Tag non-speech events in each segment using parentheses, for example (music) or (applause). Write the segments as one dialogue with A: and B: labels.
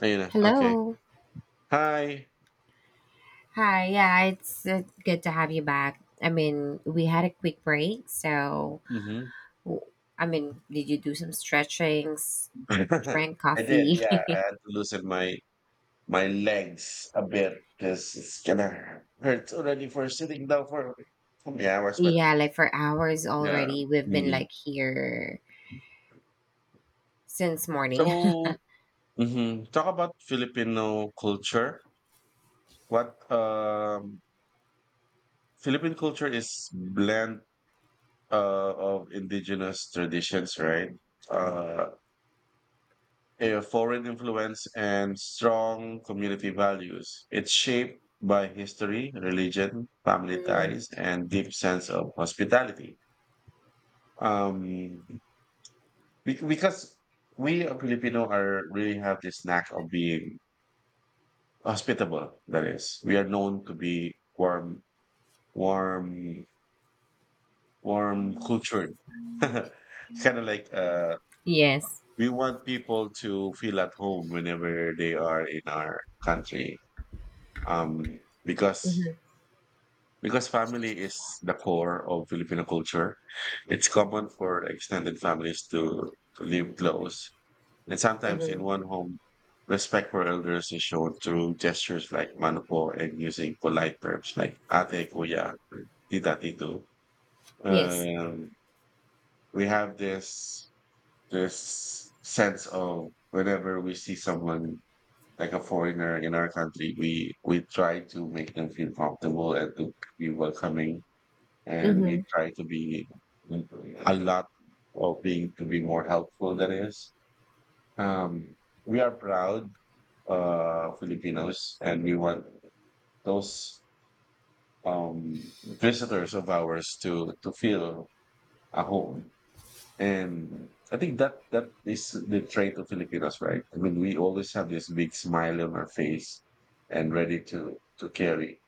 A: Ayun na, okay.
B: Hello.
A: Hi.
B: Hi. Yeah, it's good to have you back. I mean, we had a quick break, so
A: Mhm.
B: w- I mean, did you do some stretchings,
A: (laughs)
B: drank
A: I did,
B: coffee?
A: yeah, I had to loosen my legs a bit because it's kinda hurts already for sitting down for so many
B: (laughs)
A: hours, but
B: Yeah, like for hours
A: yeah,
B: already. We've been
A: really.
B: like here since morning.
A: So mhm, talk about Filipino culture. What, um Philippine culture is blend, of indigenous traditions, right? Uh a foreign influence and strong community values. It's shaped by history, religion,
B: (laughs)
A: family
B: Hmm.
A: ties, and deep sense of hospitality. Um, because we Filipino are really have this knack of being hospitable. That is, we are known to be warm, warm, warm cultured. (laughs) Kind of like
B: Yes.
A: we want people to feel at home whenever they are in our country because
B: Hmm.
A: family is the core of Filipino culture. It's common for extended families to live close, and sometimes
B: Hmm.
A: in one home. Respect for elders is shown through gestures like manuko and using polite terms like ate, kuya, tita, tito.
B: Yes.
A: Um, we have this sense of whenever we see someone like a foreigner in our country, we try to make them feel comfortable and to be welcoming, and
B: Hmm.
A: we try to be a lot of being to be more helpful. That is, um, we are proud Filipinos, and we want those visitors of ours to feel at home. And I think that is the trait of Filipinos, right? I mean, we always have this big smile on our face and ready to carry,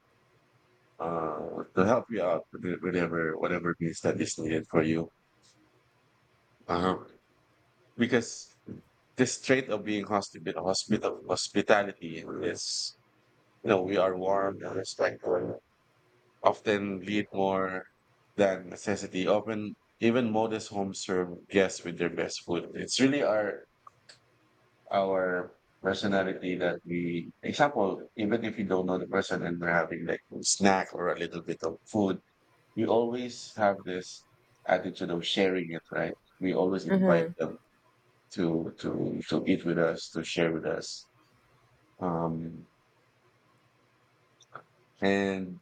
A: to help you out with whatever it is that is needed for you. Uh-huh. Because this trait of being hospitality is, we are warm and respectful, often lead more than necessity. Often, even modest homes serve guests with their best food. It's really our personality that we example, even if you don't know the person and we're having like a snack or a little bit of food, we always have this attitude of sharing it, right? We always invite
B: Hmm.
A: them to eat with us, to share with us, um, and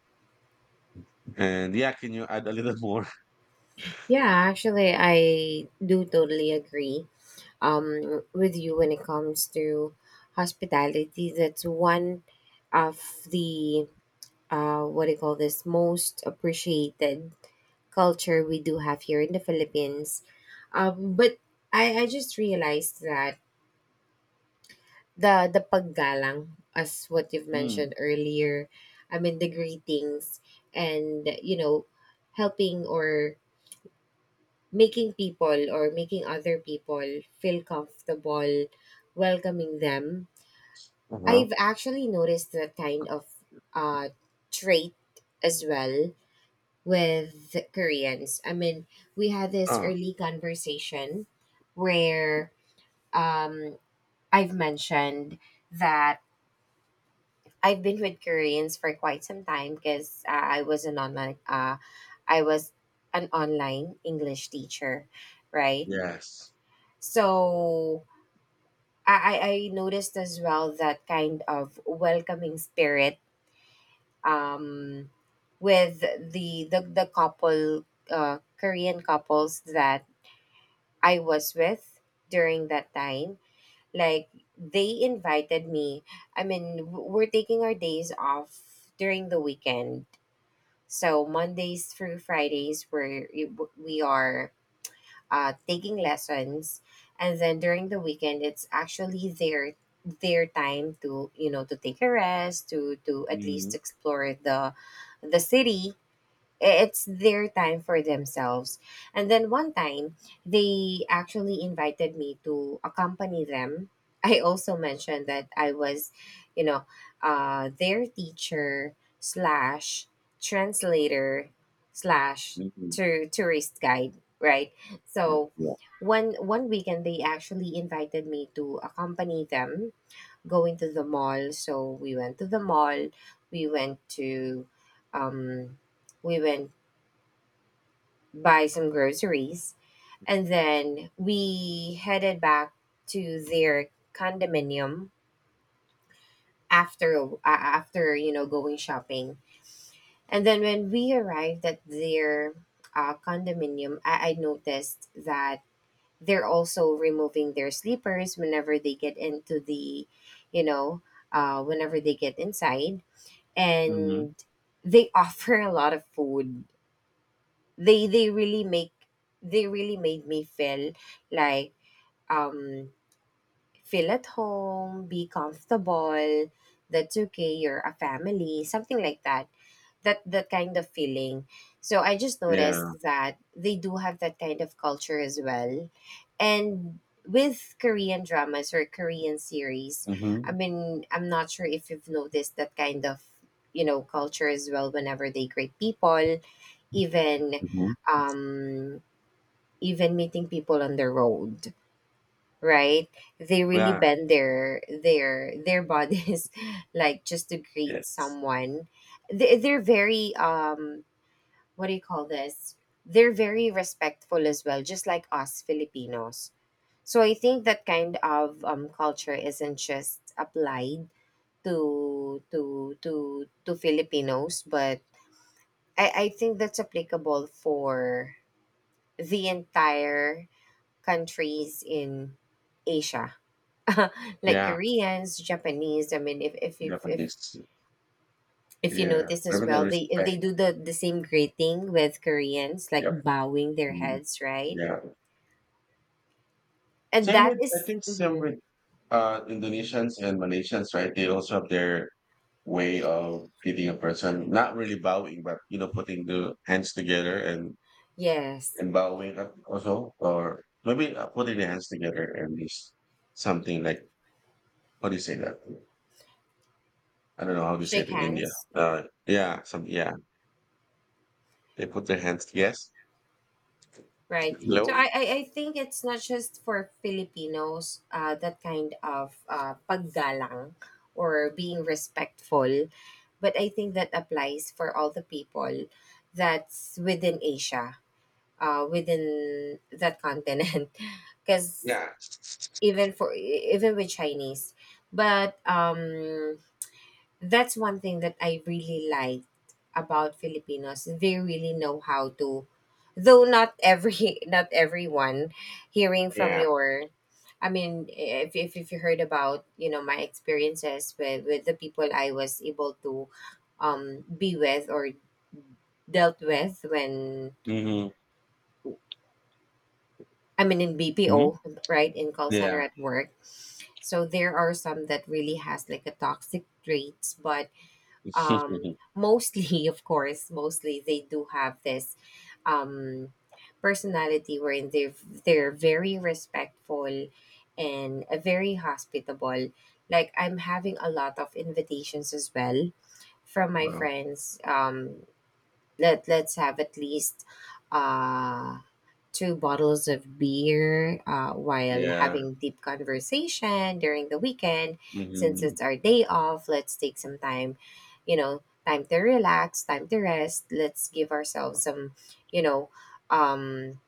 A: and yeah, can you add a little (laughs) more?
B: Yeah, actually, I do totally agree with you when it comes to hospitality. That's one of the what do you call this, most appreciated culture we do have here in the Philippines. But I just realized that the paggalang, as what you've
A: Mm.
B: mentioned earlier, I mean the greetings and helping or making people, or making other people feel comfortable, welcoming them.
A: Uh-huh.
B: I've actually noticed that kind of uh, trait as well with Koreans. I mean, we had this
A: Oh,
B: early conversation where um, I've mentioned that I've been with Koreans for quite some time, because I was an online English teacher, right?
A: yes.
B: So I noticed as well that kind of welcoming spirit um, with the couple Korean couples that I was with during that time. Like, they invited me. I mean, we're taking our days off during the weekend. So Mondays through Fridays, we are taking lessons, and then during the weekend, it's actually their time to, to take a rest, to at
A: Mm-hmm.
B: least explore the city. It's their time for themselves. And then one time, they actually invited me to accompany them. (laughs) I also mentioned that I was, you know, their teacher slash translator slash tourist guide, right?
A: Yeah,
B: So
A: yeah.
B: one weekend they actually invited me to accompany them going to the mall. So we went to the mall. We went to um, we went, buy some groceries. And then we headed back to their condominium after, going shopping. And then when we arrived at their condominium, I noticed that they're also removing their sleepers whenever they get into the, you know, whenever they get inside,
A: Mm-hmm.
B: and they (laughs) offer a lot of food. They they really make they really made me feel, like, um feel at home, be comfortable, that's okay, you're a family, something like that. That kind of feeling. So I just
A: Yeah.
B: noticed that they do have that kind of culture as well. And with Korean dramas or Korean series, I
A: Mm-hmm.
B: mean, I'm not sure if you've noticed that kind of, culture as well, whenever they greet people, even
A: Mm-hmm.
B: um even meeting people on the road, right? They really
A: Yeah.
B: bend their bodies (laughs) like, just to greet
A: Yes.
B: someone. They're very what do you call this, they're very respectful as well, just like us Filipinos. So I think that kind of culture isn't just applied to Filipinos, but I think that's applicable for the entire countries in Asia, (laughs) like
A: Yeah.
B: Koreans, Japanese. I mean,
A: Japanese.
B: if you
A: Yeah,
B: notice as
A: having the
B: well, they
A: respect.
B: do the same greeting with Koreans, like
A: Yep.
B: bowing their
A: Mm.
B: heads, right?
A: Yeah.
B: And
A: Same with, I think, same
B: mhm,
A: with Indonesians and Malaysians, right? They also have their way of greeting a person, not really bowing, but you know, putting the hands together
B: yes,
A: and bowing up also, or maybe putting the hands together and just something like what do you say that? I don't know how to say it
B: shake
A: in India.
B: hands,
A: Yeah, some yeah, they put their hands. Yes,
B: right? So
A: hello.
B: I think it's not just for Filipinos, that kind of paggalang or being respectful, but I think that applies for all the people that's within Asia, within that continent, (laughs) because
A: Yeah,
B: even with Chinese. But that's one thing that I really like about Filipinos. They really know how to, though not every (laughs) not everyone, hearing from
A: yeah.
B: your, I mean, if you heard about, my experiences with the people I was able to, be with or dealt with, when
A: Hmm.
B: I mean in
A: Hmm.
B: BPO, right? In call center
A: Yeah.
B: at work. So there are some that really has like a toxic traits, but um
A: (laughs)
B: mostly (laughs) of course, mostly they do have this um personality wherein they're very respectful and very hospitable. Like, I'm having a lot of invitations as well from my
A: Wow.
B: friends. Let's have at least uh two bottles of beer, while
A: Yeah.
B: having deep conversation during the weekend, since
A: Mhm.
B: it's our day off. Let's take some time, you know time to relax, time to rest. Let's give ourselves some, you know um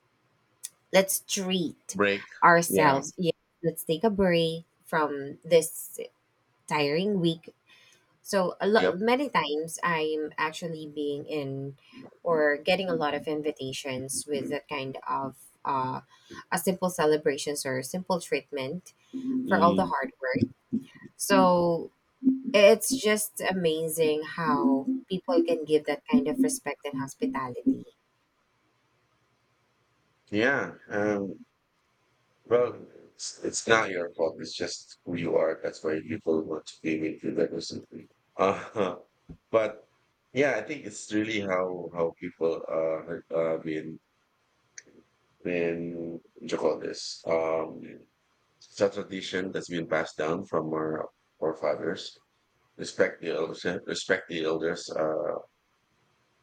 B: let's treat
A: Break. Yeah.
B: ourselves. Yeah, let's take a break from this tiring week. So a
A: Yep.
B: lot, many times, I'm actually being in or getting a lot of invitations with
A: Mm.
B: that kind of, uh, a simple celebrations or simple treatment for all the hard work. So it's just amazing how people can give that kind of respect and hospitality.
A: Yeah. Well, it's not your fault. It's just who you are. That's why people want to be with you. That was something. Uh, (laughs) but yeah, I think it's really how people been what you call this, um, it's a tradition that's been passed down from our forefathers. Respect the elders,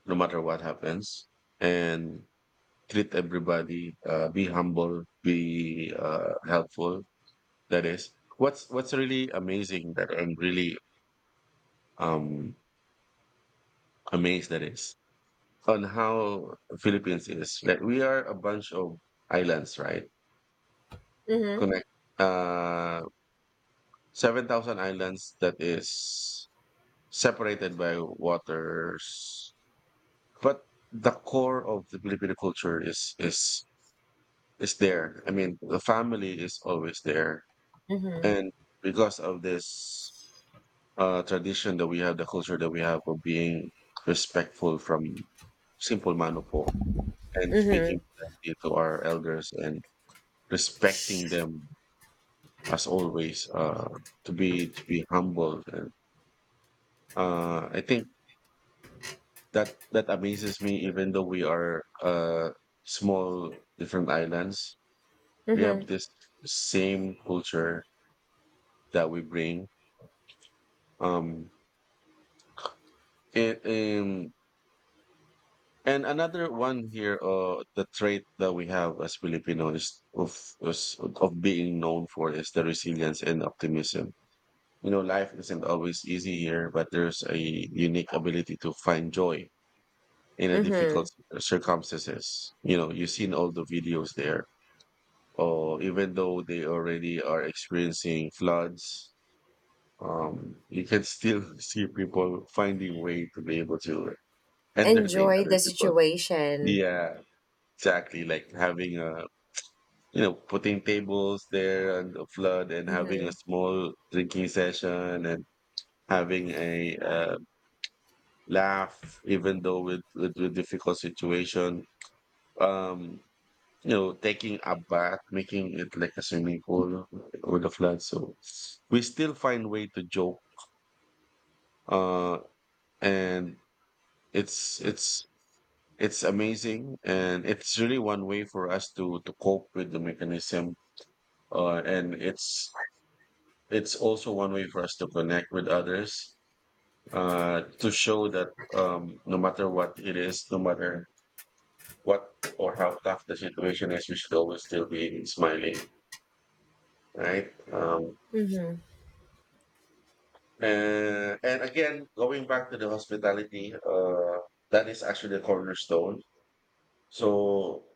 A: no matter what happens, and treat everybody. Be humble, be helpful. That is what's really amazing. That I'm really um amazed that is on how Philippines is. Like we are a bunch of islands, right?
B: Mm-hmm.
A: Connect uh 7,000 islands that is separated by waters, but the core of the Filipino culture is there. I mean, the family is always there,
B: Mm-hmm.
A: and because of this tradition that we have, the culture that we have of being respectful from simple manupo and speaking
B: Mm-hmm.
A: politely to our elders and respecting them as always, to be humble. And, I think that amazes me, even though we are small different islands, we have
B: Mm-hmm.
A: this same culture that we bring, um, it and another one here, uh, the trait that we have as Filipinos is of being known for is the resilience and optimism. You know, life isn't always easy here, but there's a unique ability to find joy in a
B: Mm-hmm.
A: difficult circumstances. You know, you've seen all the videos there. Oh, even though they already are experiencing floods, you can still see people finding way to be able to entertain
B: Enjoy
A: other
B: the
A: people.
B: situation.
A: Yeah, exactly. Like having a, you know, putting tables there and a flood and having a
B: Mhm.
A: small drinking session and having a laugh, even though with difficult situation. Um, you know, taking a bath, making it like a swimming pool with a flood. So we still find way to joke. Uh, and it's it's it's amazing, and it's really one way for us to cope with the mechanism, and it's also one way for us to connect with others, to show that no matter what it is, no matter what or how tough the situation is, we should always still be smiling, right?
B: Mhm.
A: And again, going back to the hospitality, that is actually the cornerstone. So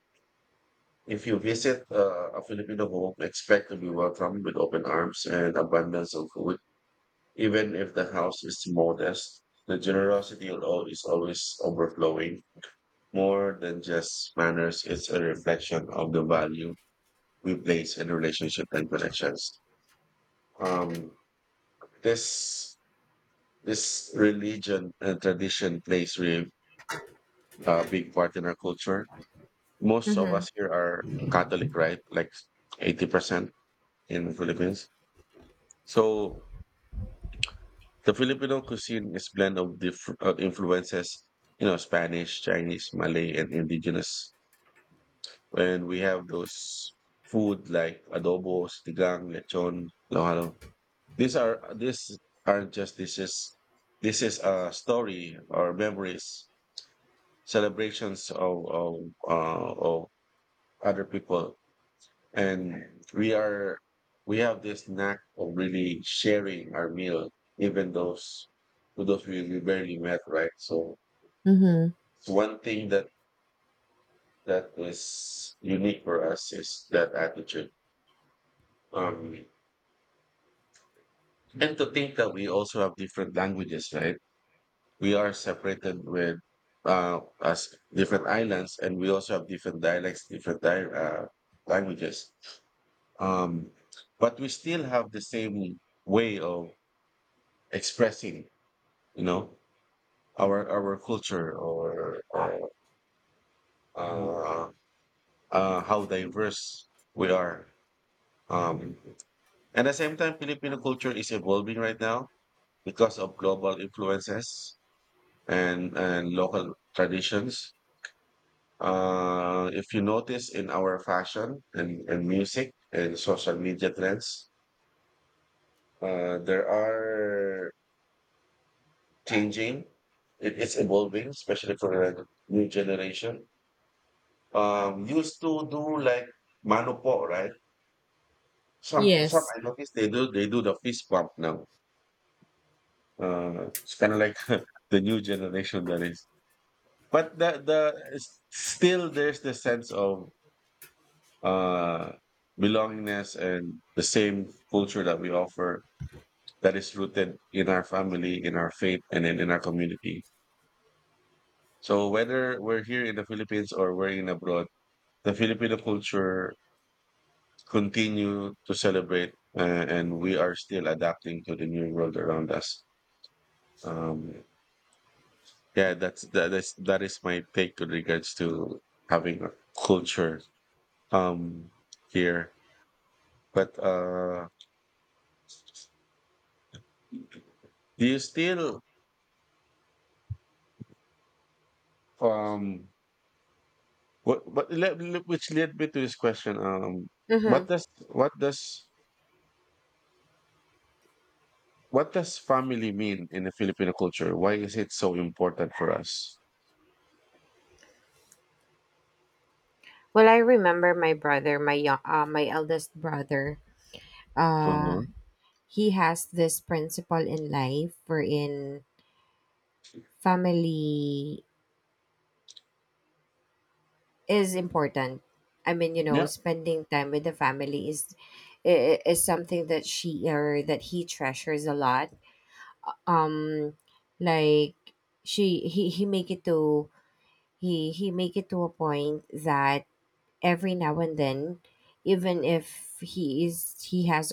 A: if you visit a Filipino home, expect to be welcomed with open arms and abundance of food. Even if the house is modest, the generosity is always overflowing. More than just manners, it's a reflection of the value we place in relationship and connections. Um, this religion and tradition plays really a big part in our culture. Most of
B: Mhm.
A: us here are Catholic, right? Like 80% in the Philippines. So the Filipino cuisine is blend of different influences, you know, Spanish, Chinese, Malay, and indigenous. And we have those food like adobo, stigang, lechon, lohalo. These aren't just dishes. This is a story or memories, celebrations of other people. And we are we have this knack of really sharing our meal, even those to those we barely met, right? So
B: Mhm.
A: it's one thing that is unique for us, is that attitude. Um, and to think that we also have different languages, right? We are separated with as different islands, and we also have different dialects, languages. Um, but we still have the same way of expressing, you know, our culture, or, or uh, how diverse we are, um, at the same time Filipino culture is evolving right now because of global influences and local traditions. Uh, if you notice in our fashion and music and social media trends, there are changing. It's evolving, especially for the new generation. Um, used to do like manupo, right? Some
B: Yes.
A: I noticed they do the fist bump now. It's kind of like (laughs) the new generation, that is. But still there's the sense of uh belongingness and the same culture that we offer, that is rooted in our family, in our faith, and in our community. So whether we're here in the Philippines or we're in abroad, the Filipino culture continue to celebrate, and we are still adapting to the new world around us, um, yeah, that is my take with regards to having a culture um here. But uh, do you still um, which led me to this question, um, what
B: Mhm.
A: does what does what does family mean in the Filipino culture? Why is it so important for us?
B: Well, I remember my brother, my eldest brother. Uh,
A: Uh-huh.
B: he has this principle in life wherein family is important. I mean,
A: Yeah.
B: spending time with the family is is something that she or that he treasures a lot. Um, like she he make it to he make it to a point that every now and then, even if he has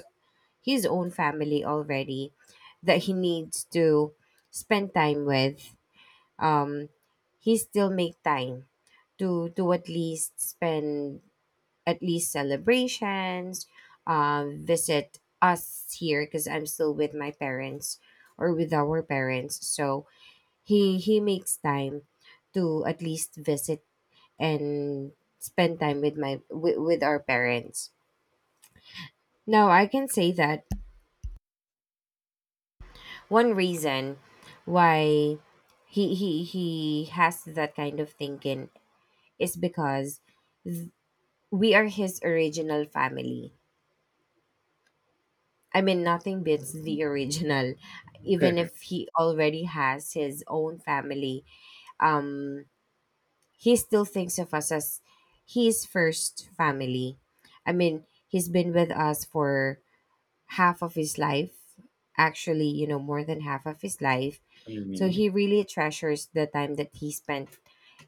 B: his own family already, that he needs to spend time with, um he still make time to at least spend, at least celebrations, visit us here because I'm still with my parents, or with our parents. So he makes time to at least visit and spend time with with our parents. Now I can say that one reason why he has that kind of thinking is because we are his original family. I mean, nothing beats the (laughs) original. Even if
A: (laughs)
B: he already has his own family, um he still thinks of us as his first family. I mean, he's been with us for half of his life. Actually, more than half of his life. So
A: Mhm.
B: he really treasures the time that he spent,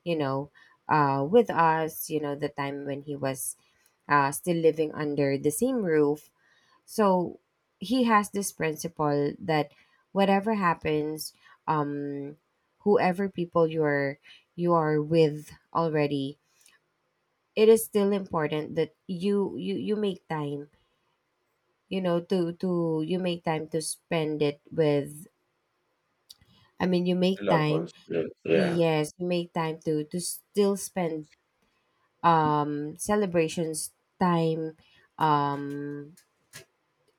B: you know with us, the time when he was still living under the same roof. So he has this principle that whatever happens, um whoever people you are with already, it is still important that you make time, to you make time to spend it with. I mean, you make
A: Lovers,
B: time.
A: ones, yeah,
B: Yes, you make time to still spend, celebrations time, um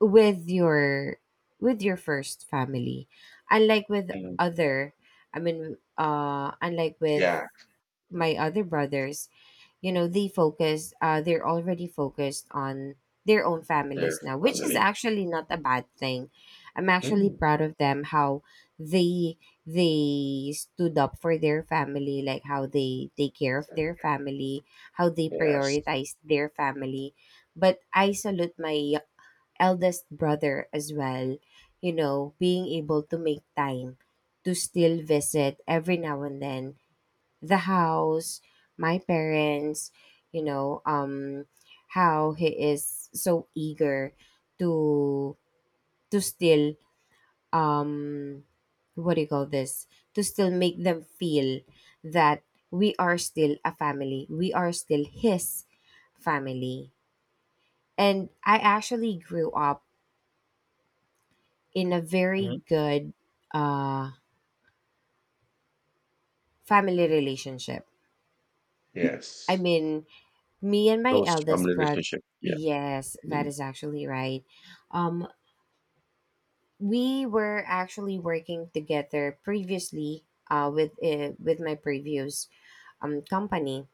B: with your first family, unlike with
A: mm,
B: other i mean uh unlike with
A: yeah,
B: my other brothers. They focus they're already focused on their own
A: their
B: families now, which is
A: family,
B: actually not a bad thing. I'm actually
A: mm,
B: proud of them, how they they stood up for their family, like how they take care of their family, how they
A: yes,
B: prioritize their family. But I salute my eldest brother as well, being able to make time to still visit every now and then, the house, my parents. you know, um, how he is so eager to still, um, what do you call this, to still make them feel that we are still a family. We are still his family. And I actually grew up in a
A: mhm,
B: very good, uh, family relationship. I
A: yes,
B: mean, me and my
A: close
B: eldest
A: family
B: brother.
A: relationship, yeah,
B: Yes, that
A: mm,
B: is actually right. Um, we were actually working together previously. With my previous company,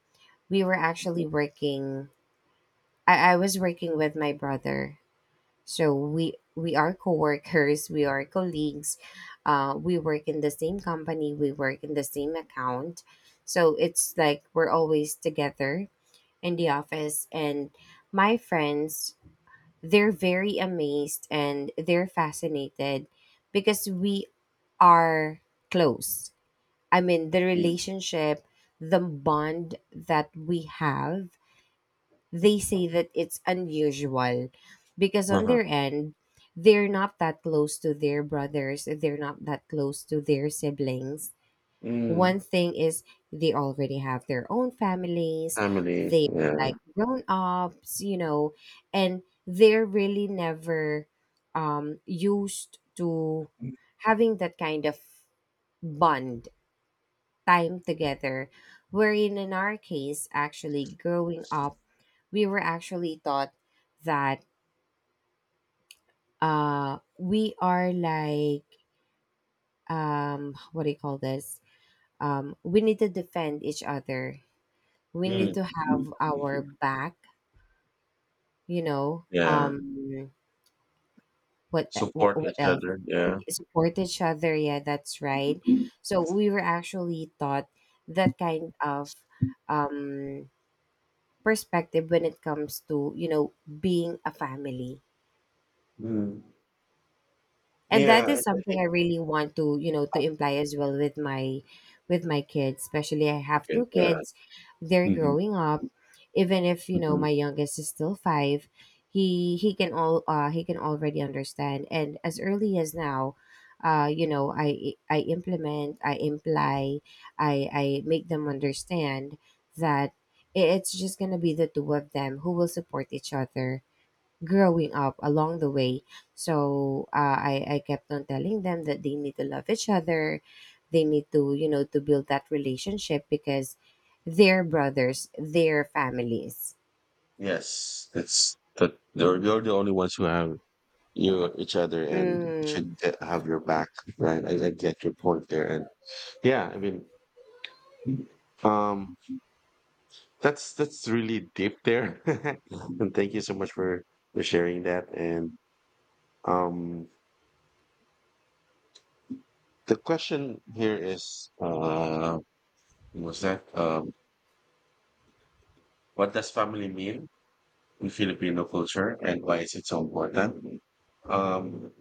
B: we were actually working. I was working with my brother, so we are co-workers. We are colleagues. We work in the same company. We work in the same account, so it's like we're always together in the office, and my friends, they're very amazed and they're fascinated because we are close. I mean, the
A: mm,
B: relationship, the bond that we have, they say that it's unusual, because on
A: uh-huh,
B: their end, they're not that close to their brothers, they're not that close to their siblings.
A: mm,
B: One thing is they already have their own families,
A: family,
B: they
A: yeah,
B: like grown ups, and they're really never used to having that kind of bond, time together. Wherein in our case, actually growing up, we were actually taught that, we are like, what do you call this? We need to defend each other. We need
A: mm,
B: to have our back you know
A: yeah,
B: um what e, wh-
A: support
B: what
A: each
B: else
A: other, yeah,
B: Support each other. Yeah, that's right. So we were actually taught that kind of um perspective when it comes to, you know, being a family.
A: mm.
B: And
A: Yeah,
B: that
A: I
B: is something
A: think
B: I really want to, you know, to imply as well with my kids. Especially I
A: we
B: have
A: can,
B: two
A: yeah,
B: kids, they're
A: hmm,
B: growing up. Even if
A: hmm.
B: my youngest is still 5. He he can all uh he can already understand, and as early as now, uh you know i i implement i imply I make them understand that it's just gonna be the two of them who will support each other growing up along the way. So I kept on telling them that they need to love each other. They need to, you know, to build that relationship because they're brothers, they're families.
A: Yes, it's that they're you're the only ones who have you each other and
B: Mm,
A: should get- have your back, right? I get your point there, and yeah, I mean, um, that's really deep there, (laughs) and thank you so much for sharing that. And um, the question here is, what was that what does family mean in Filipino culture, and why is it so important? Um,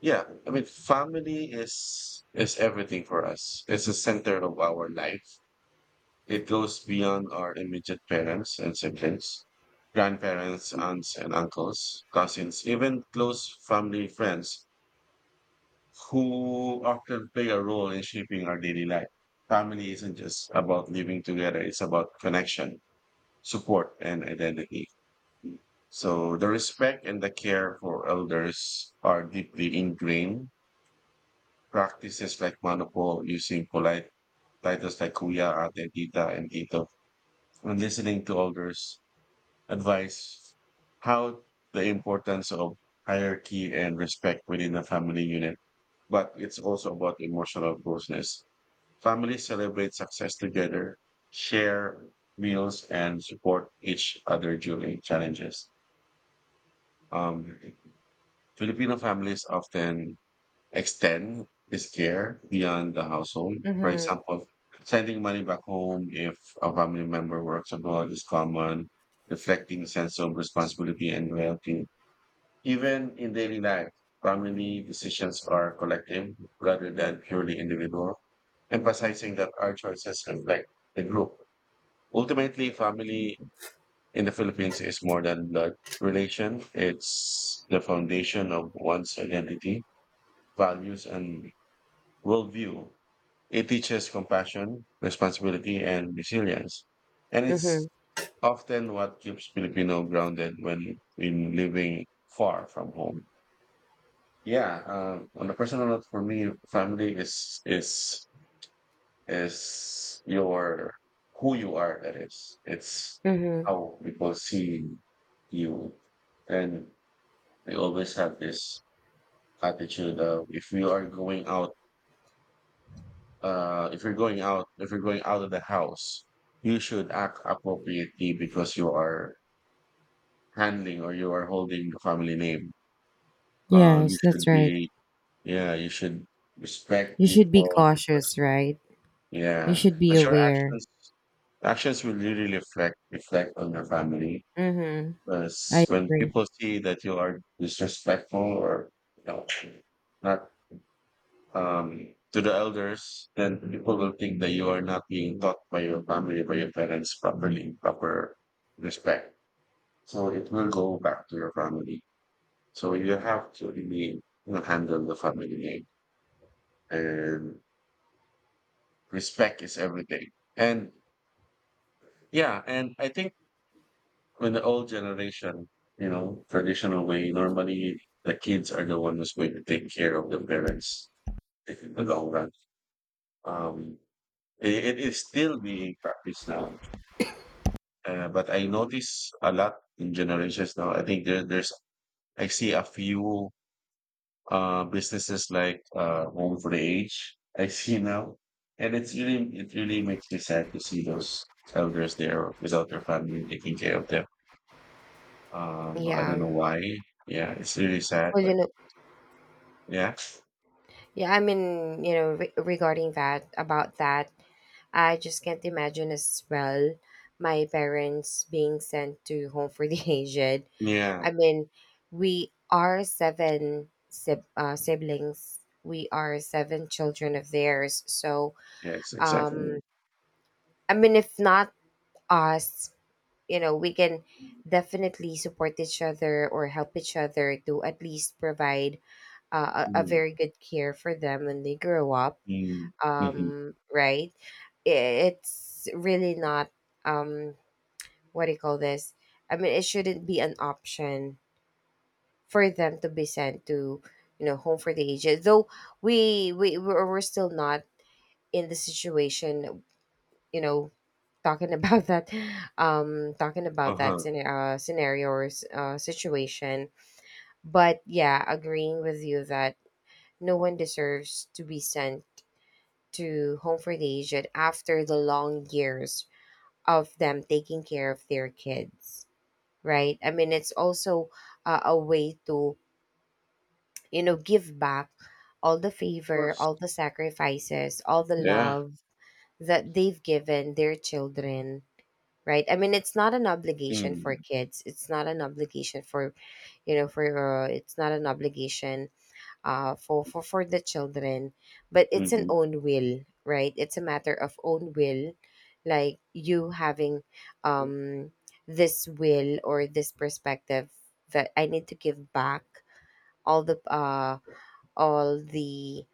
A: yeah, I mean, family is everything for us. It's the center of our life. It goes beyond our immediate parents and siblings, grandparents, aunts and uncles, cousins, even close family friends who often play a role in shaping our daily life. Family isn't just about living together, it's about connection, support, and identity. So the respect and the care for elders are deeply ingrained. Practices like manopo, using polite titles like kuya, ate, tita, and tito, and listening to elders advice, how the importance of hierarchy and respect within the family unit, but it's also about emotional closeness. Families celebrate success together, share meals, and support each other during challenges. Um, Filipino families often extend this care beyond the household. For
B: mm-hmm,
A: example, sending money back home if a family member works abroad is common, reflecting a sense of responsibility and loyalty. Even in daily life, family decisions are collective rather than purely individual, emphasizing that our choices reflect the group. Ultimately, family in the Philippines is more than blood relation. It's the foundation of one's identity, values, and worldview. It teaches compassion, responsibility, and resilience. And it's
B: mm-hmm,
A: often what keeps Filipino grounded when in living far from home. Yeah, on the personal note, for me, family is your who you are. That is, it's
B: mm-hmm.
A: how people see you, and they always have this attitude of if you are going out, if you're going out, if you're going out of the house, you should act appropriately because you are handling or you are holding the family name. You
B: Yes, that's
A: should
B: right.
A: be, yeah, you should respect
B: You should be
A: people
B: cautious,
A: because
B: right? You
A: yeah,
B: should be
A: but your
B: aware.
A: actions will really reflect on your family.
B: Mm-hmm.
A: Because
B: I
A: when
B: agree.
A: people see that you are disrespectful or you know not to the elders, then people will think that you are not being taught by your family, by your parents properly, proper respect. So it will go back to your family. So you have to really handle the family name and respect is everything. And yeah, and I think with the old generation, traditional way, normally the kids are the one who's going to take care of the parents in the long run. Um, it is still being practiced now, but I notice a lot in generations now. I think I see a few businesses like Home for the Age. I see now, and it's really, it really makes me sad to see those elders there without their family taking care of them. I don't
B: Yeah.
A: know why. Yeah, it's really sad,
B: Well,
A: but yeah,
B: Regarding that, about that, I just can't imagine as well my parents being sent to Home for the (laughs) Aged.
A: yeah,
B: I mean, we are siblings. We are seven children of theirs. So,
A: yes,
B: um,
A: exactly.
B: I mean, if not us, you know, we can definitely support each other or help each other to at least provide a
A: Mm,
B: very good care for them when they grow up,
A: mm, hmm.
B: um, right. It's really not, um what do you call this I mean, it shouldn't be an option for them to be sent to, you know, home for the aged. Though we're still not in the situation, you know, talking about (laughs) that, talking about that
A: Uh-huh. Of
B: scenario or situation. But yeah, agreeing with you that no one deserves to be sent to home for the aged after the long years of them taking care of their kids, right? I mean, it's also a way to, you know, give back all the favor,
A: course.
B: all the sacrifices, all the
A: Yeah.
B: love that they've given their children, right? I mean, it's not an obligation for
A: Mm,
B: kids, it's not an obligation for, it's not an obligation for for the children. But it's an
A: hmm.
B: own will, right? It's a matter of own will. Like you having um this will or this perspective, that I need to give back all the all the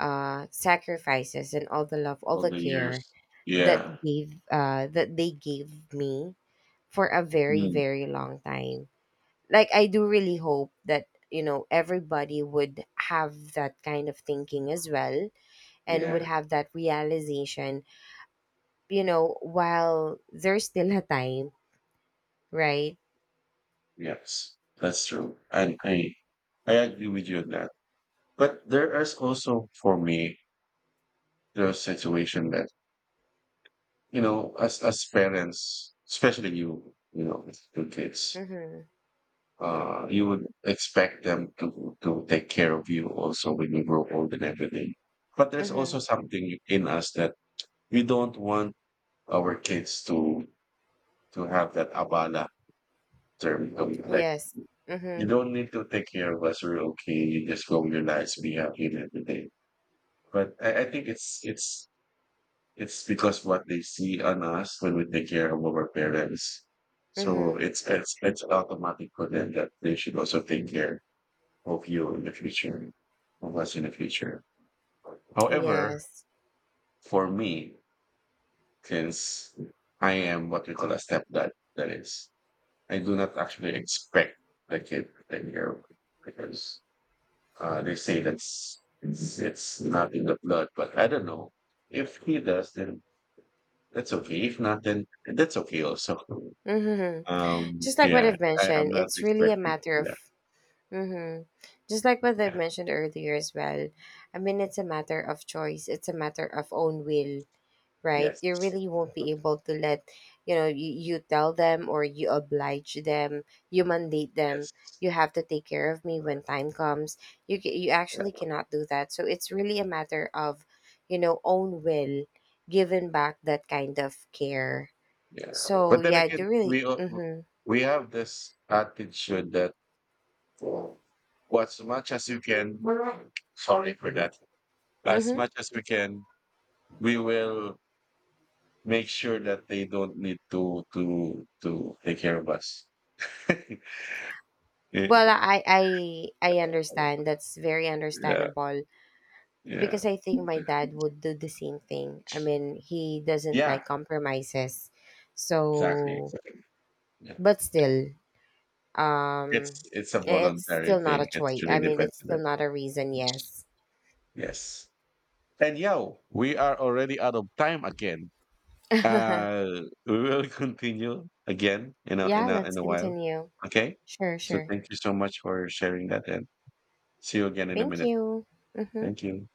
B: uh sacrifices and all the love, all
A: All
B: the
A: the
B: care
A: years. Yeah.
B: that they gave me for a very,
A: Mm,
B: very long time. Like, I do really hope that, you know, everybody would have that kind of thinking as well and would
A: yeah.
B: have that realization, you know, while there's still a time, right?
A: Yes, that's true. I agree with you on that. But there is also for me the situation that you know, as parents, especially you, you know, with two kids,
B: Mhm.
A: you would expect them to take care of you also when you grow old and everything. But there's
B: Mhm.
A: also something in us that we don't want our kids to have that abala term to be like
B: Yes.
A: you
B: Mhm.
A: don't need to take care of us, we're okay, you just go your lives, be happy and everything. But I think it's it's because what they see on us when we take care of our parents. So
B: Mhm.
A: it's it's automatic for them that they should also take care of you in the future, of us in the future. However,
B: Yes.
A: for me, since I am what we call a stepdad, that is, I do not actually expect the kid to take care of me because they say that's it's not in the blood, but I don't know. If he does, then that's okay. If not, then that's okay also.
B: Mhm.
A: Um,
B: Just like what
A: yeah,
B: I've
A: I'm
B: mentioned,
A: not
B: it's really a
A: expecting
B: matter
A: that.
B: of, mm-hmm, just like what I've
A: Yeah.
B: mentioned earlier as well. I mean, it's a matter of choice. It's a matter of own will, right?
A: Yes.
B: You really won't be able to let, you know, you tell them or you oblige them, you mandate them.
A: Yes.
B: You have to take care of me when time comes. You actually cannot do that. So it's really a matter of, you know, own will, giving back that kind of care.
A: Yeah.
B: So
A: But then
B: yeah,
A: again,
B: you really. Mm-hmm.
A: we have this attitude that well, as much as you can, sorry for that, as
B: Mm-hmm.
A: much as we can, we will make sure that they don't need to take care of us. (laughs) yeah,
B: Well, I understand. That's very
A: yeah,
B: understandable
A: yeah,
B: because I think my dad would do the same thing. I mean, he doesn't
A: yeah.
B: like compromises.
A: Exactly,
B: So,
A: exactly. Yeah.
B: but still, um
A: It's a
B: it's
A: voluntary
B: still not a
A: thing. It
B: choice.
A: really
B: I mean,
A: depends
B: it's
A: on
B: still
A: it.
B: not a reason, yes.
A: Yes. And yeah, we are already out of time again.
B: (laughs)
A: (laughs) We will continue again in
B: Yeah, let's
A: a while.
B: continue.
A: Okay?
B: Sure,
A: So
B: sure.
A: thank you so much for sharing that and see you again in a
B: Thank
A: minute.
B: you. Mhm.
A: Thank you.